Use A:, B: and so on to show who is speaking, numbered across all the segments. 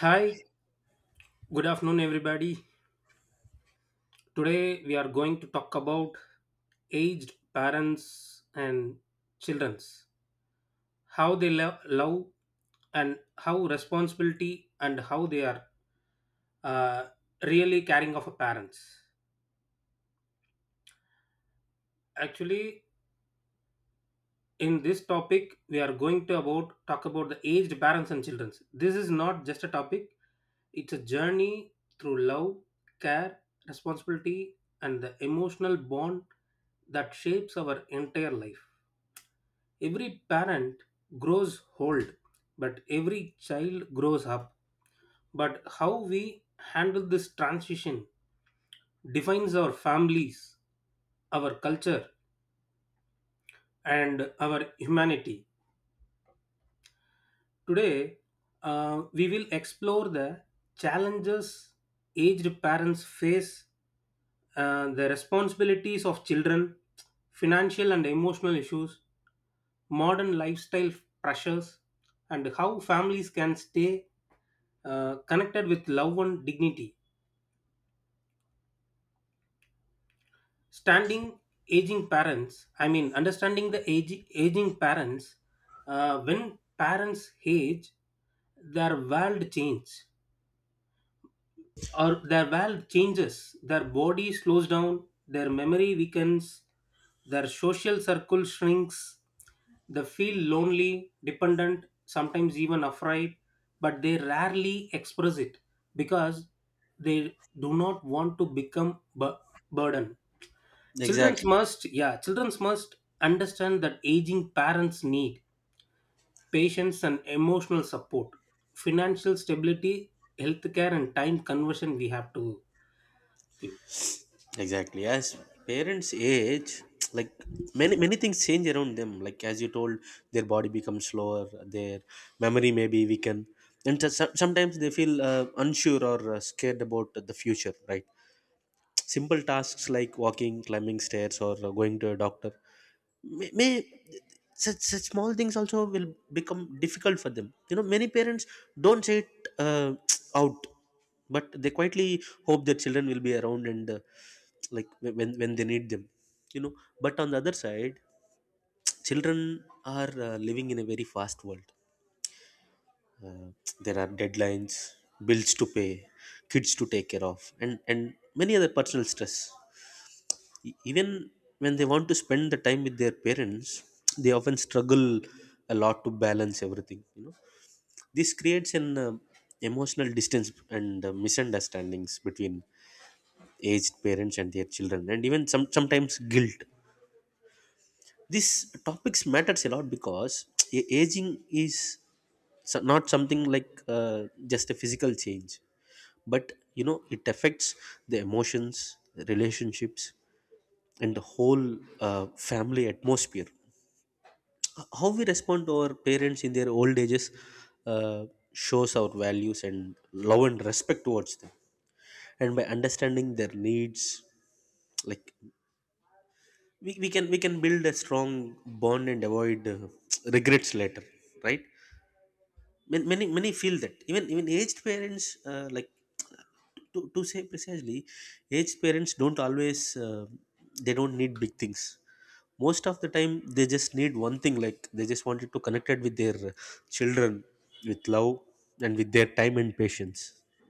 A: Hi, good afternoon, everybody. Today we are going to talk about aged parents and childrens, how they love and how responsibility and how they are uh, really caring of a parents. Actually, in this topic, we are going to about talk about the aged parents and childrens. This is not just a topic; it's a journey through love, care, responsibility, and the emotional bond that shapes our entire life. Every parent grows old, but every child grows up. But how we handle this transition defines our families, our culture, and our humanity. Today, we will explore the challenges aged parents face, the responsibilities of children, financial and emotional issues, modern lifestyle pressures, and how families can stay connected with love and dignity. Standing aging parents, I mean, understanding the aging parents, when parents age, their world change or their valve changes, their body slows down, their memory weakens, their social circle shrinks, they feel lonely, dependent, sometimes even afraid, but they rarely express it because they do not want to become burden. Children
B: Exactly,
A: must, yeah, children must understand that aging parents need patience and emotional support, financial stability, healthcare, and time conversion we have to give.
B: exactly. As parents age, like many things change around them. Like as you told, their body becomes slower, their memory may be weakened, and sometimes they feel unsure or scared about the future, right? Simple tasks like walking, climbing stairs, or going to a doctor may such small things also will become difficult for them. Many parents don't say it uh, out, but they quietly hope their children will be around, and like when they need them. You know, but on the other side, children are living in a very fast world. Uh, there are deadlines, bills to pay, kids to take care of, and many other personal stress. Even when they want to spend the time with their parents, they often struggle a lot to balance everything. This creates an emotional distance and misunderstandings between aged parents and their children, and even sometimes guilt. These topics matters a lot, because aging is not something like uh, just a physical change, but it affects the emotions, the relationships, and the whole family atmosphere. How we respond to our parents in their old ages uh, shows our values and love and respect towards them. And by understanding their needs, like, we can build a strong bond and avoid regrets later, right? Many feel that even aged parents, like, to say precisely, aged parents don't always, uh, they don't need big things. Most of the time they just need one thing, like they just wanted to connect it with their children, with love, and with their time and patience.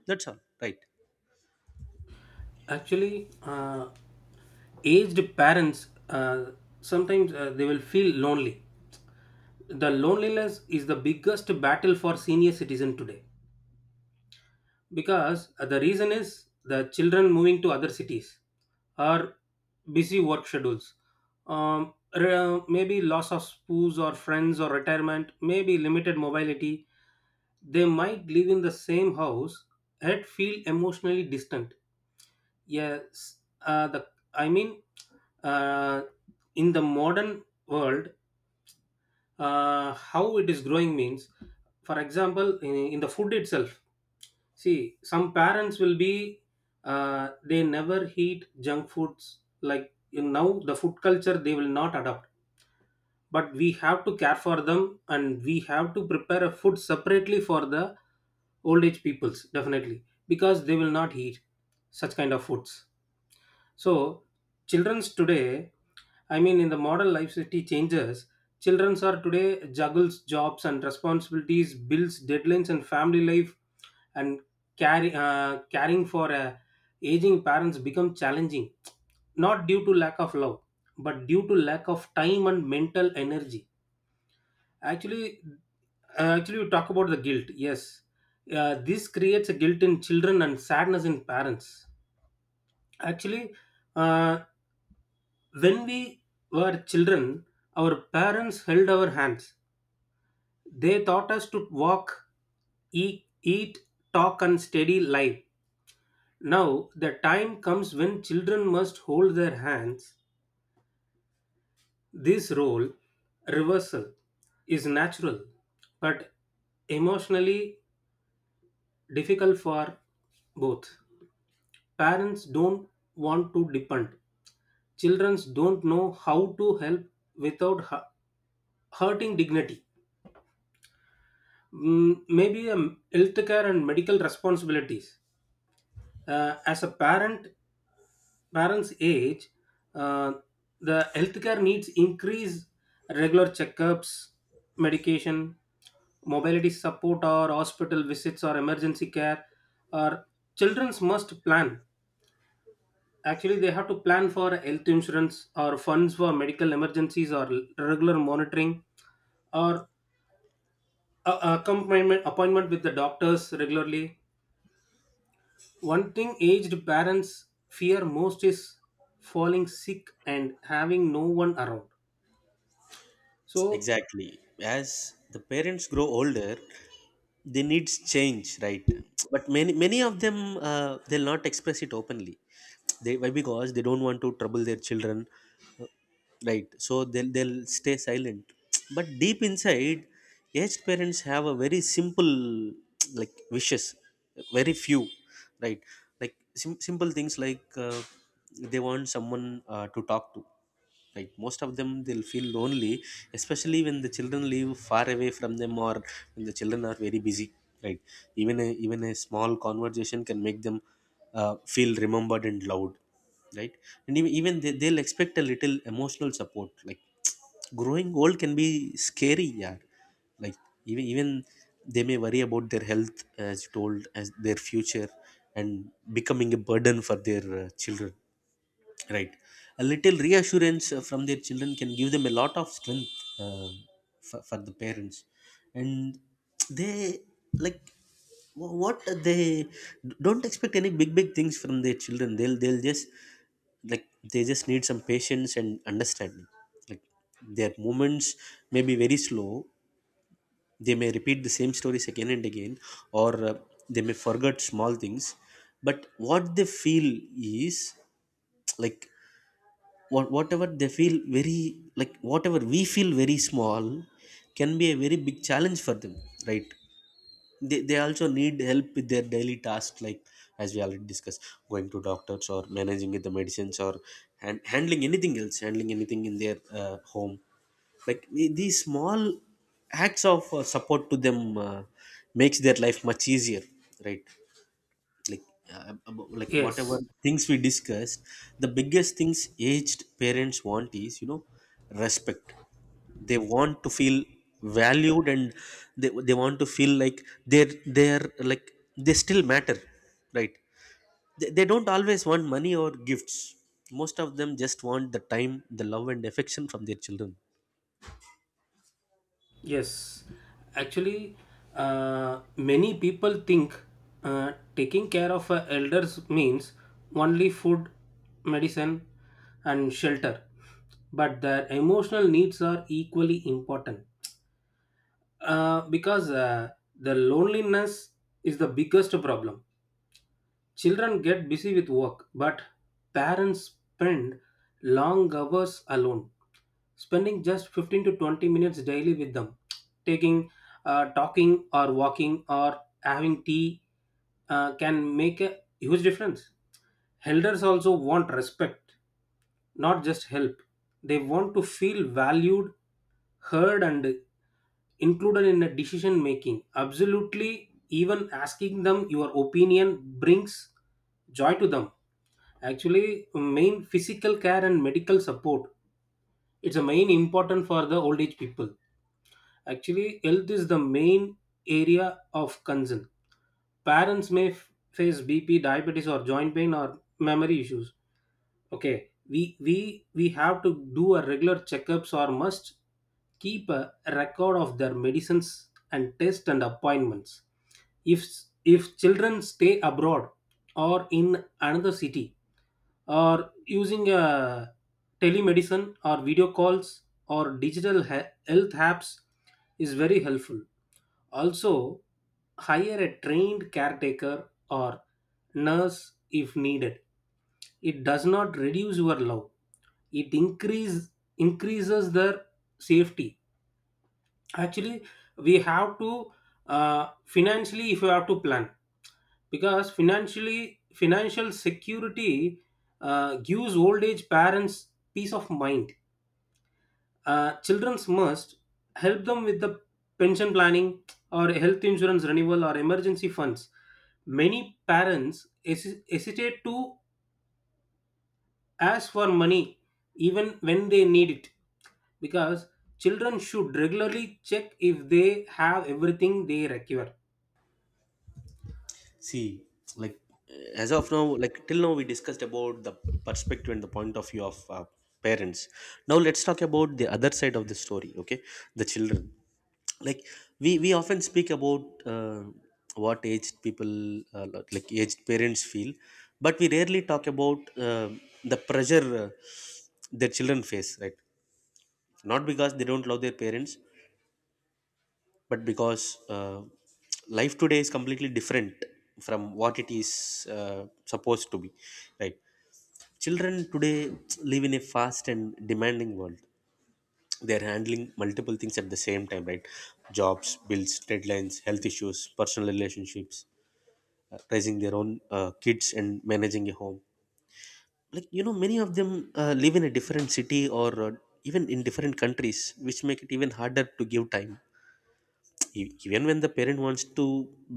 B: That's all, right?
A: Actually, aged parents sometimes they will feel lonely. The loneliness is the biggest battle for senior citizen today because the reason is the children moving to other cities or busy work schedules. Maybe loss of spouse or friends or retirement, maybe limited mobility. They might live in the same house yet feel emotionally distant. Yes, uh, the I mean, uh, in the modern world, how it is growing means, for example, in the food itself. See, some parents will be they never eat junk foods. Like in now, the food culture they will not adopt. But we have to care for them, and we have to prepare a food separately for the old age peoples definitely because they will not eat such kind of foods. So, children's today, I mean, in the modern life city changes, children's are today juggles jobs and responsibilities, bills, deadlines, and family life, and caring for aging parents become challenging, not due to lack of love, but due to lack of time and mental energy. Actually, actually, you talk about the guilt. Yes, this creates a guilt in children and sadness in parents. Actually, uh, When we were children, our parents held our hands. They taught us to walk, eat, talk, and steady life. Now, the time comes when children must hold their hands. This role reversal is natural but emotionally difficult for both. Parents don't want to depend, children don't know how to help without hurting dignity. Mm, Maybe healthcare and medical responsibilities. Uh, as a parent, Parents age, uh, the healthcare needs increase, regular checkups, medication, mobility support, or hospital visits or emergency care. Or childrens must plan. Actually, they have to plan for health insurance or funds for medical emergencies or regular monitoring or accompanyment appointment with the doctors regularly. One thing aged parents fear most is falling sick and having no one around. So,
B: Exactly. As the parents grow older, they needs change, right? But many of them, they'll not express it openly. They, why? Because they don't want to trouble their children, right? So they'll stay silent. But deep inside, aged parents have a very simple, like, wishes, very few, right? Like simple things, like, they want someone, to talk to, right? Most of them, they'll feel lonely, especially when the children live far away from them, or when the children are very busy, right? Even a small conversation can make them feel remembered and loved, right? And even they'll expect a little emotional support, like growing old can be scary, yeah. Like even they may worry about their health, as you told, as their future, and becoming a burden for their children, right? A little reassurance from their children can give them a lot of strength, um, for the parents. And they, like, what they don't expect any big things from their children. They'll just, like, they just need some patience and understanding. Like, their movements may be very slow, they may repeat the same stories again and again, or they may forget small things. But what they feel is, like, whatever we feel very small can be a very big challenge for them, right? They also need help with their daily tasks, like as we already discussed, going to doctors, or managing with the medicines, or and handling anything else, handling anything in their home. Like these small acts of support to them uh, makes their life much easier, right? Like, like whatever
A: yes,
B: things we discussed, the biggest things aged parents want is, respect. They want to feel valued, and they want to feel like they're like they still matter, right? They don't always want money or gifts. Most of them just want the time, the love and affection from their children.
A: yes. Actually, many people think taking care of elders means only food, medicine, and shelter, but their emotional needs are equally important because the loneliness is the biggest problem. Children get busy with work, but parents spend long hours alone, spending just 15 to 20 minutes daily with them, taking talking or walking or having tea can make a huge difference. Elders also want respect, not just help. They want to feel valued, heard, and included in the decision making. Absolutely, even asking them your opinion brings joy to them. Actually, main physical care and medical support. It's a main important for the old age people. Actually, health is the main area of concern. Parents may face BP, diabetes, or joint pain or memory issues. Okay, we have to do a regular checkups or must keep a record of their medicines and tests and appointments. If if children stay abroad or in another city, or using a telemedicine or video calls or digital health apps is very helpful. Also, hire a trained caretaker or nurse if needed. It does not reduce your love, it increases their safety. Actually, we have to, financially, if you have to plan, because financial security gives old age parents peace of mind. Children must help them with the pension planning or health insurance renewal or emergency funds. Many parents hesitate to as for money even when they need it, because children should regularly check if they have everything they require.
B: See, like, uh, as of now, like till now, we discussed about the perspective and the point of view of parents. Now let's talk about the other side of the story. Okay, the children. Like, we often speak about what aged people like aged parents feel, but we rarely talk about the pressure their children face. Right, not because they don't love their parents, but because life today is completely different from what it is supposed to be, right? Children today live in a fast and demanding world. They're handling multiple things at the same time, right? Jobs, bills, deadlines, health issues, personal relationships, raising their own kids and managing a home. Like, many of them live in a different city, or even in different countries, which make it even harder to give time. Even when the parent wants to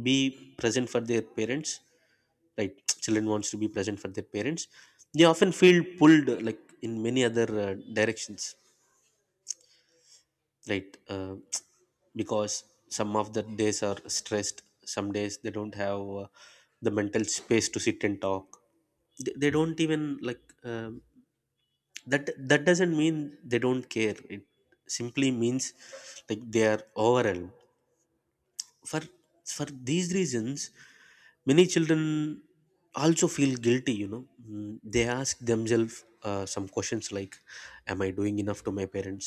B: be present for their parents, right? Children wants to be present for their parents, they often feel pulled like in many other directions, right? Because some of the days are stressed, some days they don't have the mental space to sit and talk. They don't even, like, that doesn't mean they don't care. It simply means, like, they are overwhelmed. For for these reasons, many children also feel guilty, you know. They ask themselves some questions, like, am I doing enough to my parents?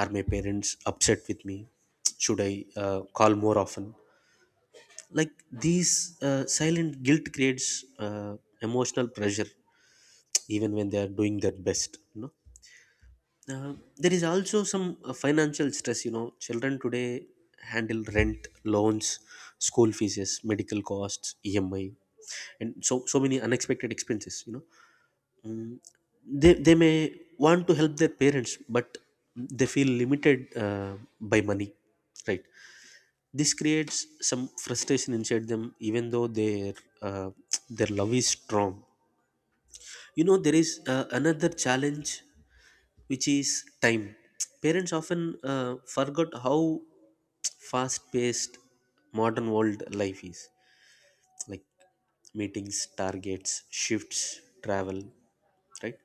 B: Are my parents upset with me? Should I call more often? Like, these silent guilt creates uh, emotional pressure even when they are doing their best, you know. There is also some financial stress. Children today handle rent, loans, school fees, medical costs, emi, and so many unexpected expenses, they may want to help their parents, but they feel limited by money, right? This creates some frustration inside them, even though their uh, their love is strong. There is another challenge, which is time. Parents often forgot how fast paced modern world life is, like meetings, targets, shifts, travel, right?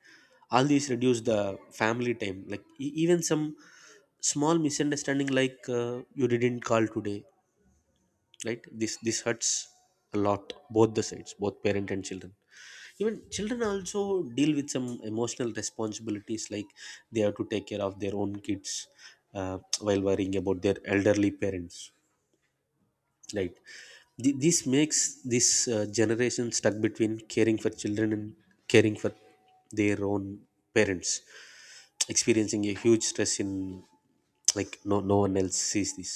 B: All these reduce the family time. Like even some small misunderstanding, like you didn't call today, right? This hurts a lot, both the sides, both parent and children. Even children also deal with some emotional responsibilities, like they have to take care of their own kids uh, while worrying about their elderly parents, right? This makes this generation stuck between caring for children and caring for their own parents, experiencing a huge stress in, like, no one else sees this.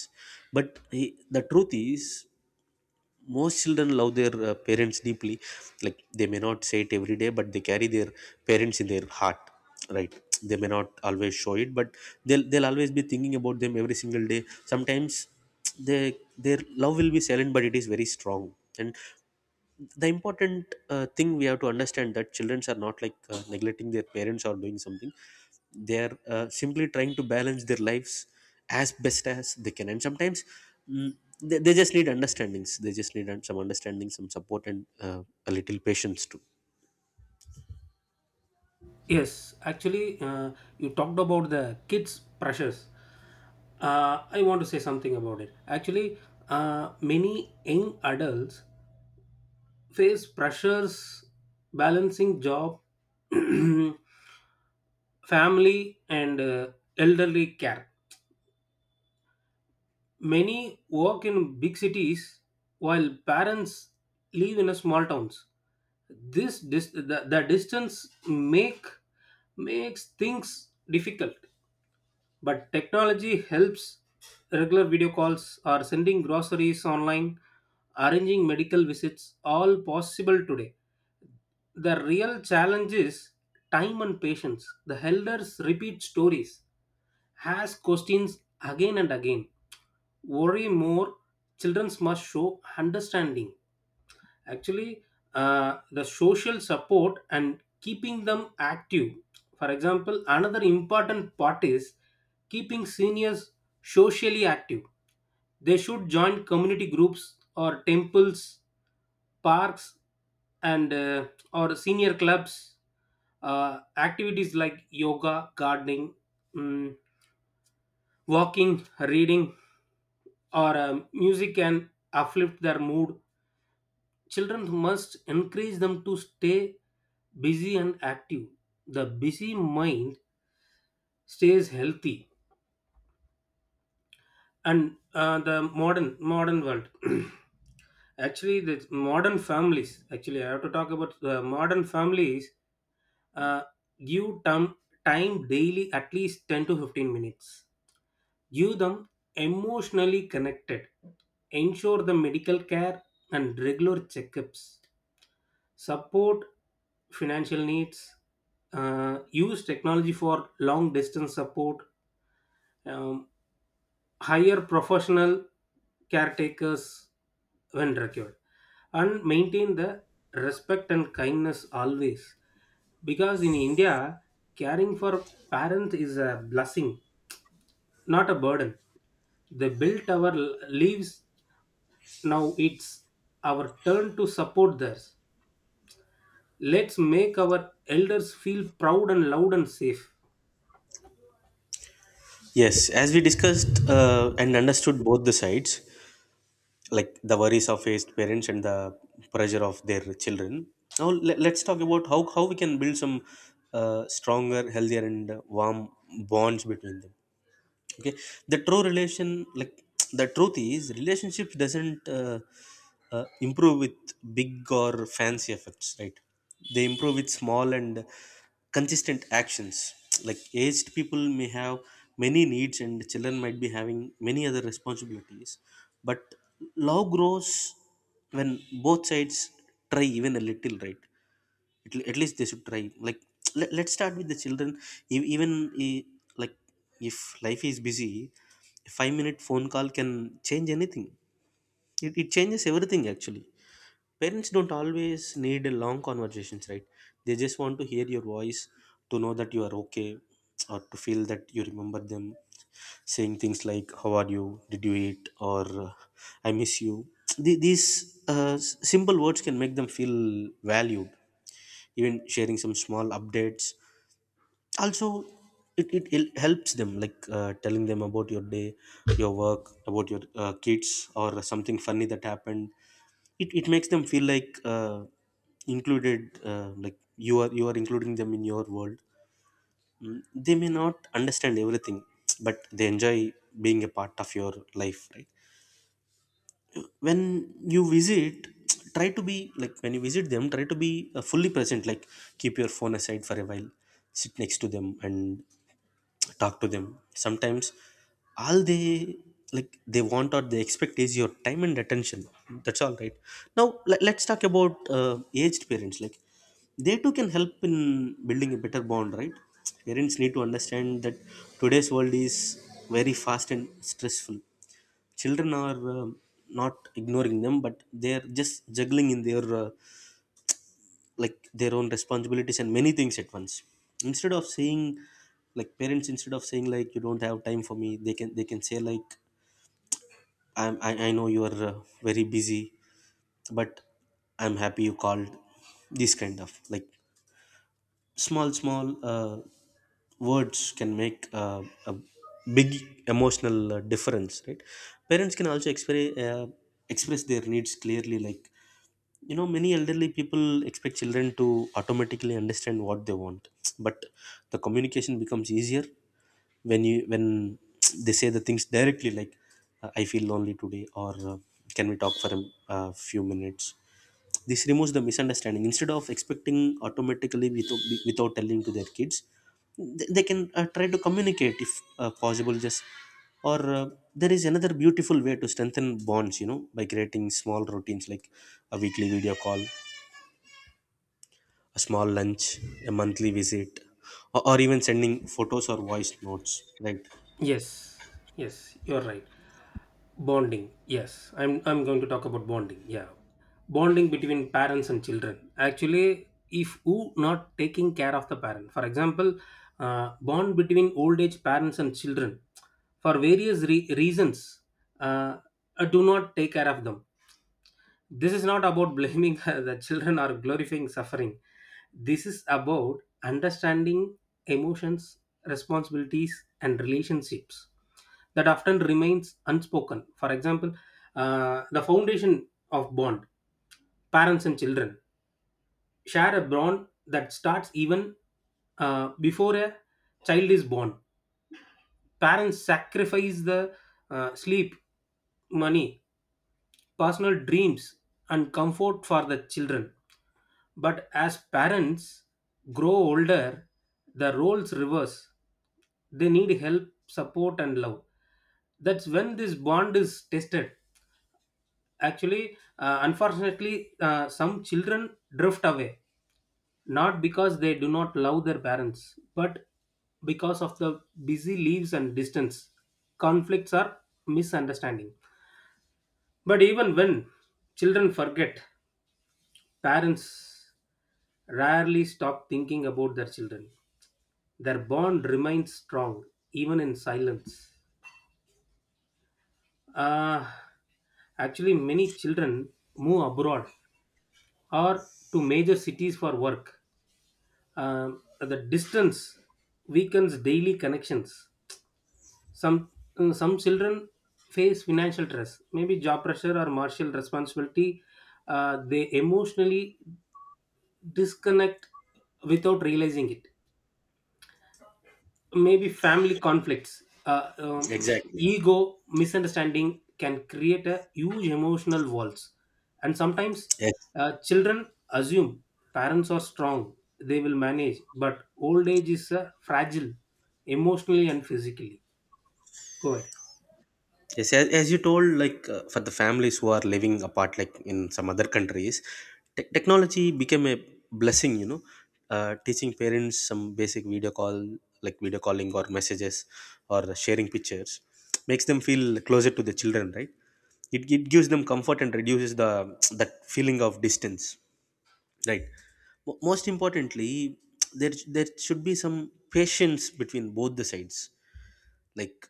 B: But eh, the truth is most children love their parents deeply. Like they may not say it every day, but they carry their parents in their heart, right? They may not always show it, but they'll always be thinking about them every single day. Sometimes they their love will be silent, but it is very strong. And the important thing we have to understand, that children are not, like, neglecting their parents or doing something. They are simply trying to balance their lives as best as they can. And sometimes mm, they just need understandings, they just need some understanding, some support, and a little patience too.
A: Yes, actually, you talked about the kids pressures. I want to say something about it. Actually, many young adults face pressures balancing job, family, and elderly care. Many work in big cities while parents live in a small towns. This dis- the distance makes things difficult, but technology helps, regular video calls or sending groceries online, arranging medical visits all possible today. The real challenge is time and patience. The elders repeat stories, ask questions again and again, worry more. Children must show understanding. Actually, the social support and keeping them active, for example, another important part is keeping seniors socially active. They should join community groups or temples, parks, and or senior clubs. Activities like yoga, gardening, mm, walking, reading, or music can uplift their mood. Children must encourage them to stay busy and active. The busy mind stays healthy. And the modern modern world. actually, the modern families. Actually, I have to talk about the modern families. Uh, Give them time daily, at least 10 to 15 minutes. Give them emotionally connected. Ensure the medical care and regular checkups, support financial needs, use technology for long distance support, um, hire professional caretakers when required, and maintain the respect and kindness always. Because in India, caring for parents is a blessing, not a burden. They built our lives, now it's our turn to support theirs. Let's make our elders feel proud and loud and safe.
B: Yes, as we discussed and understood both the sides, like the worries of faced parents and the pressure of their children, now let's talk about how we can build some stronger, healthier, and warm bonds between them. Okay, the true relation, like, the truth is, relationships doesn't improve with big or fancy efforts, right? They improve with small and consistent actions. Like, aged people may have many needs, and children might be having many other responsibilities, but love grows when both sides try, even a little, right? At least they should try, like let's start with the children. Even eh, like, if life is busy, a 5-minute phone call can change anything. It changes everything, actually. Parents don't always need a long conversations, right? They just want to hear your voice, to know that you are okay, or to feel that you remember them, saying things like how are you, did you eat, or I miss you. These simple words can make them feel valued. Even sharing some small updates also, it helps them, like, telling them about your day, your work, about your kids, or something funny that happened, it makes them feel, like, included, like you are including them in your world. Mm, they may not understand everything, but they enjoy being a part of your life, right? When you visit, try to be like when you visit them, try to be fully present, like keep your phone aside for a while, sit next to them, and talk to them sometimes All they, they want or they expect is your time and attention. That's all right. Now, let's talk about aged parents. Like, they too can help in building a better bond, right? Parents need to understand that today's world is very fast and stressful. Children are not ignoring them, but they're just juggling in their like their own responsibilities and many things at once. Instead of saying, like, parents, instead of saying, like, you don't have time for me, they can say, like, I know you're very busy, but I'm happy you called. This kind of, like, small words can make a big emotional difference, right? Parents can also express their needs clearly, like, you know, many elderly people expect children to automatically understand what they want. But the communication becomes easier when you when they say the things directly, like, I feel lonely today, or can we talk for a few minutes. This removes the misunderstanding. Instead of expecting automatically without telling to their kids, they can try to communicate if possible. Just or there is another beautiful way to strengthen bonds, you know, by creating small routines, like a weekly video call, a small lunch, a monthly visit, or even sending photos or voice notes, right?
A: Yes, yes, you're right. Bonding. Yes, I'm going to talk about bonding. Yeah, bonding between parents and children. Actually, if who not taking care of the parent, for example, bond between old age parents and children, for various reasons, uh, do not take care of them. This is not about blaming the children or glorifying suffering. This is about understanding emotions, responsibilities, and relationships that often remains unspoken. For example, the foundation of bond, parents and children share a bond that starts even before a child is born. Parents sacrifice the sleep, money, personal dreams, and comfort for the children. But as parents grow older, the roles reverse. They need help, support, and love. That's when this bond is tested. Actually, unfortunately, some children drift away, not because they do not love their parents, but because of the busy lives and distance. Conflicts are misunderstanding. But even when children forget, parents rarely stop thinking about their children. Their bond remains strong even in silence. Uh, Actually, many children move abroad or to major cities for work. The distance weakens daily connections. Some some children face financial stress, maybe job pressure or martial responsibility. They emotionally disconnect without realizing it. Maybe family conflicts,
B: Exactly.
A: ego misunderstanding can create a huge emotional walls. And sometimes
B: Yes,
A: children assume parents are strong, they will manage, but old age is fragile, emotionally and physically. Go ahead.
B: yes. As you told, like, for the families who are living apart, like in some other countries, technology became a blessing. You know, teaching parents some basic video call, like video calling or messages, or sharing pictures, makes them feel closer to the children, right? It gives them comfort and reduces the that feeling of distance. Right. Most importantly, there should be some patience between both the sides. Like,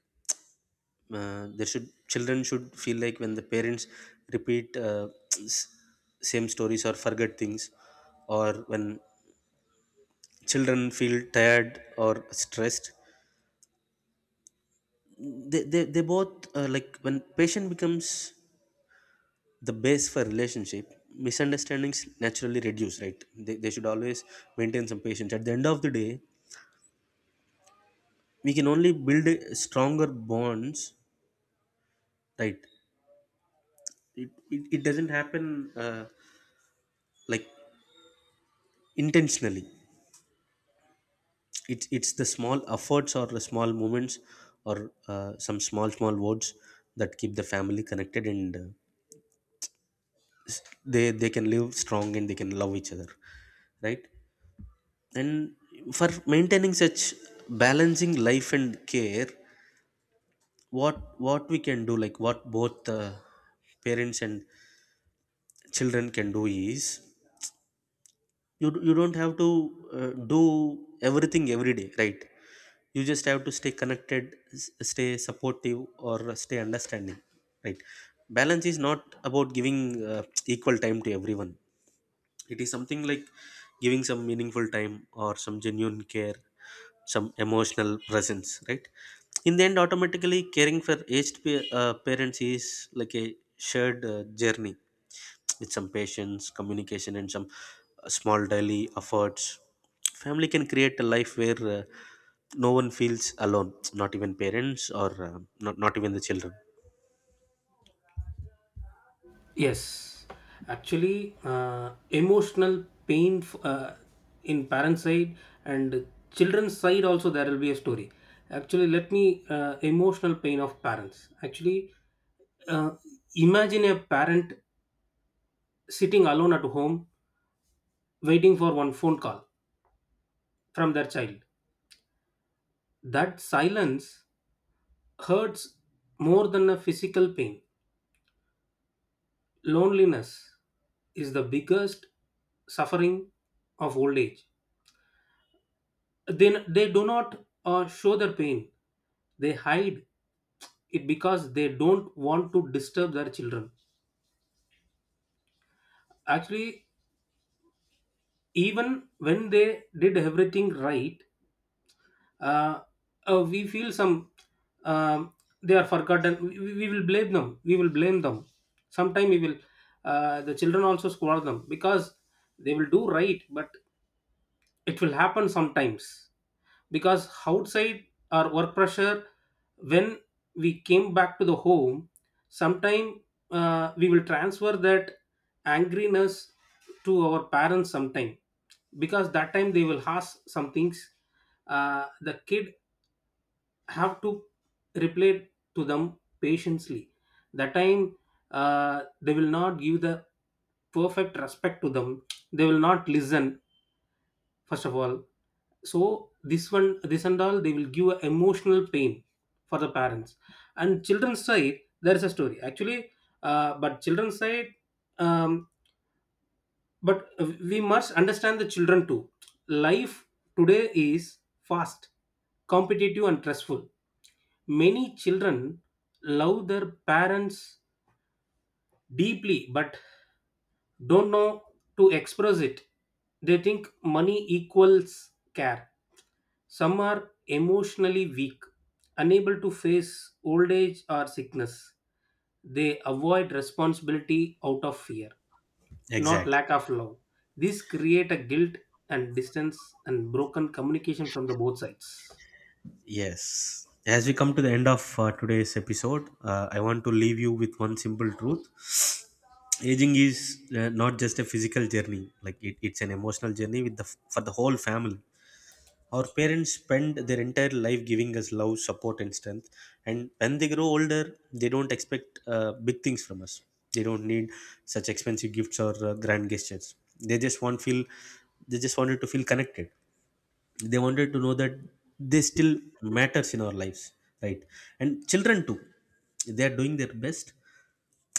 B: there should, children should feel, like, when the parents repeat s- same stories or forget things, or when children feel tired or stressed, they both, like, when patient becomes the base for relationship, misunderstandings naturally reduce, right? They should always maintain some patience. At the end of the day, we can only build a stronger bonds, right? It doesn't happen like intentionally. It's the small efforts or the small moments, or some small words that keep the family connected, and they can live strong and they can love each other, right? And for maintaining such balancing life and care, what we can do, like, what both parents and children can do is, you don't have to uh, do everything every day, right? You just have to stay connected, stay supportive, or stay understanding, right? Balance is not about giving uh, equal time to everyone. It is something like giving some meaningful time or some genuine care, some emotional presence, right? In the end, automatically caring for aged parents is like a shared journey. With some patience, communication, and some small daily efforts, family can create a life where no one feels alone, not even parents, or not even the children.
A: Yes, actually, in parents side and children's side also there will be a story. Actually, let me emotional pain of parents. Actually Uh, Imagine a parent sitting alone at home waiting for one phone call from their child. That silence hurts more than a physical pain. Loneliness is the biggest suffering of old age. Then they do not show their pain, they hide it because they don't want to disturb their children. Actually, even when they did everything right, uh, we feel some um, they are forgotten. We will blame them sometime. We will The children also scold them, because they will do right but it will happen sometimes. Because outside our work pressure, when we came back to the home, sometime we will transfer that angriness to our parents sometime. Because that time they will ask some things, the kid have to reply to them patiently. That time they will not give the perfect respect to them, they will not listen first of all. So this one this and all they will give a emotional pain for the parents. And children's side there is a story. Actually, but children's side um, but we must understand the children too. Life today is fast, competitive and stressful. Many children love their parents deeply but don't know to express it. They think money equals care. Some are emotionally weak, unable to face old age or sickness. They avoid responsibility out of fear, not
B: Exactly.
A: lack of love. This create a guilt and distance and broken communication from the both sides.
B: Yes. As we come to the end of today's episode, I want to leave you with one simple truth. Aging is not just a physical journey, like, it's an emotional journey with the for the whole family. Our parents spend their entire life giving us love, support, and strength. And when they grow older, they don't expect big things from us. They don't need such expensive gifts or grand gestures. They just want feel, they just wanted to feel connected. They wanted to know that they still matters in our lives, right? And children too, they are doing their best.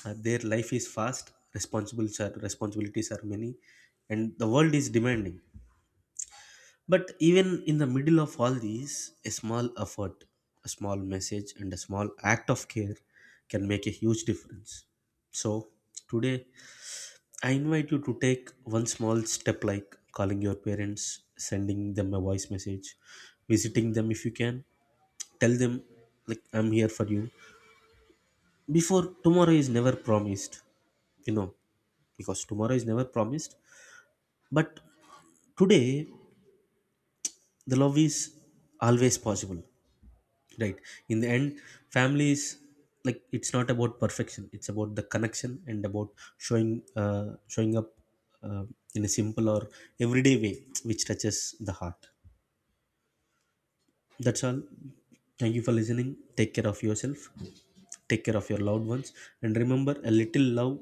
B: Their life is fast, responsibilities are many, and the world is demanding. But even in the middle of all these, a small effort, a small message, and a small act of care can make a huge difference. So today I invite you to take one small step, like calling your parents, sending them a voice message, visiting them if you can. Tell them, like, I'm here for you. Before tomorrow is never promised, you know, because tomorrow is never promised. But today, the love is always possible. Right. In the end, families, like, it's not about perfection, it's about the connection, and about showing up uh, in a simple or everyday way which touches the heart. That's all. Thank you for listening. Take care of yourself, take care of your loved ones, and remember, a little love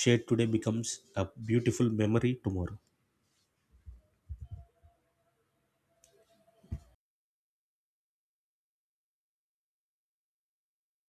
B: shared today becomes a beautiful memory tomorrow.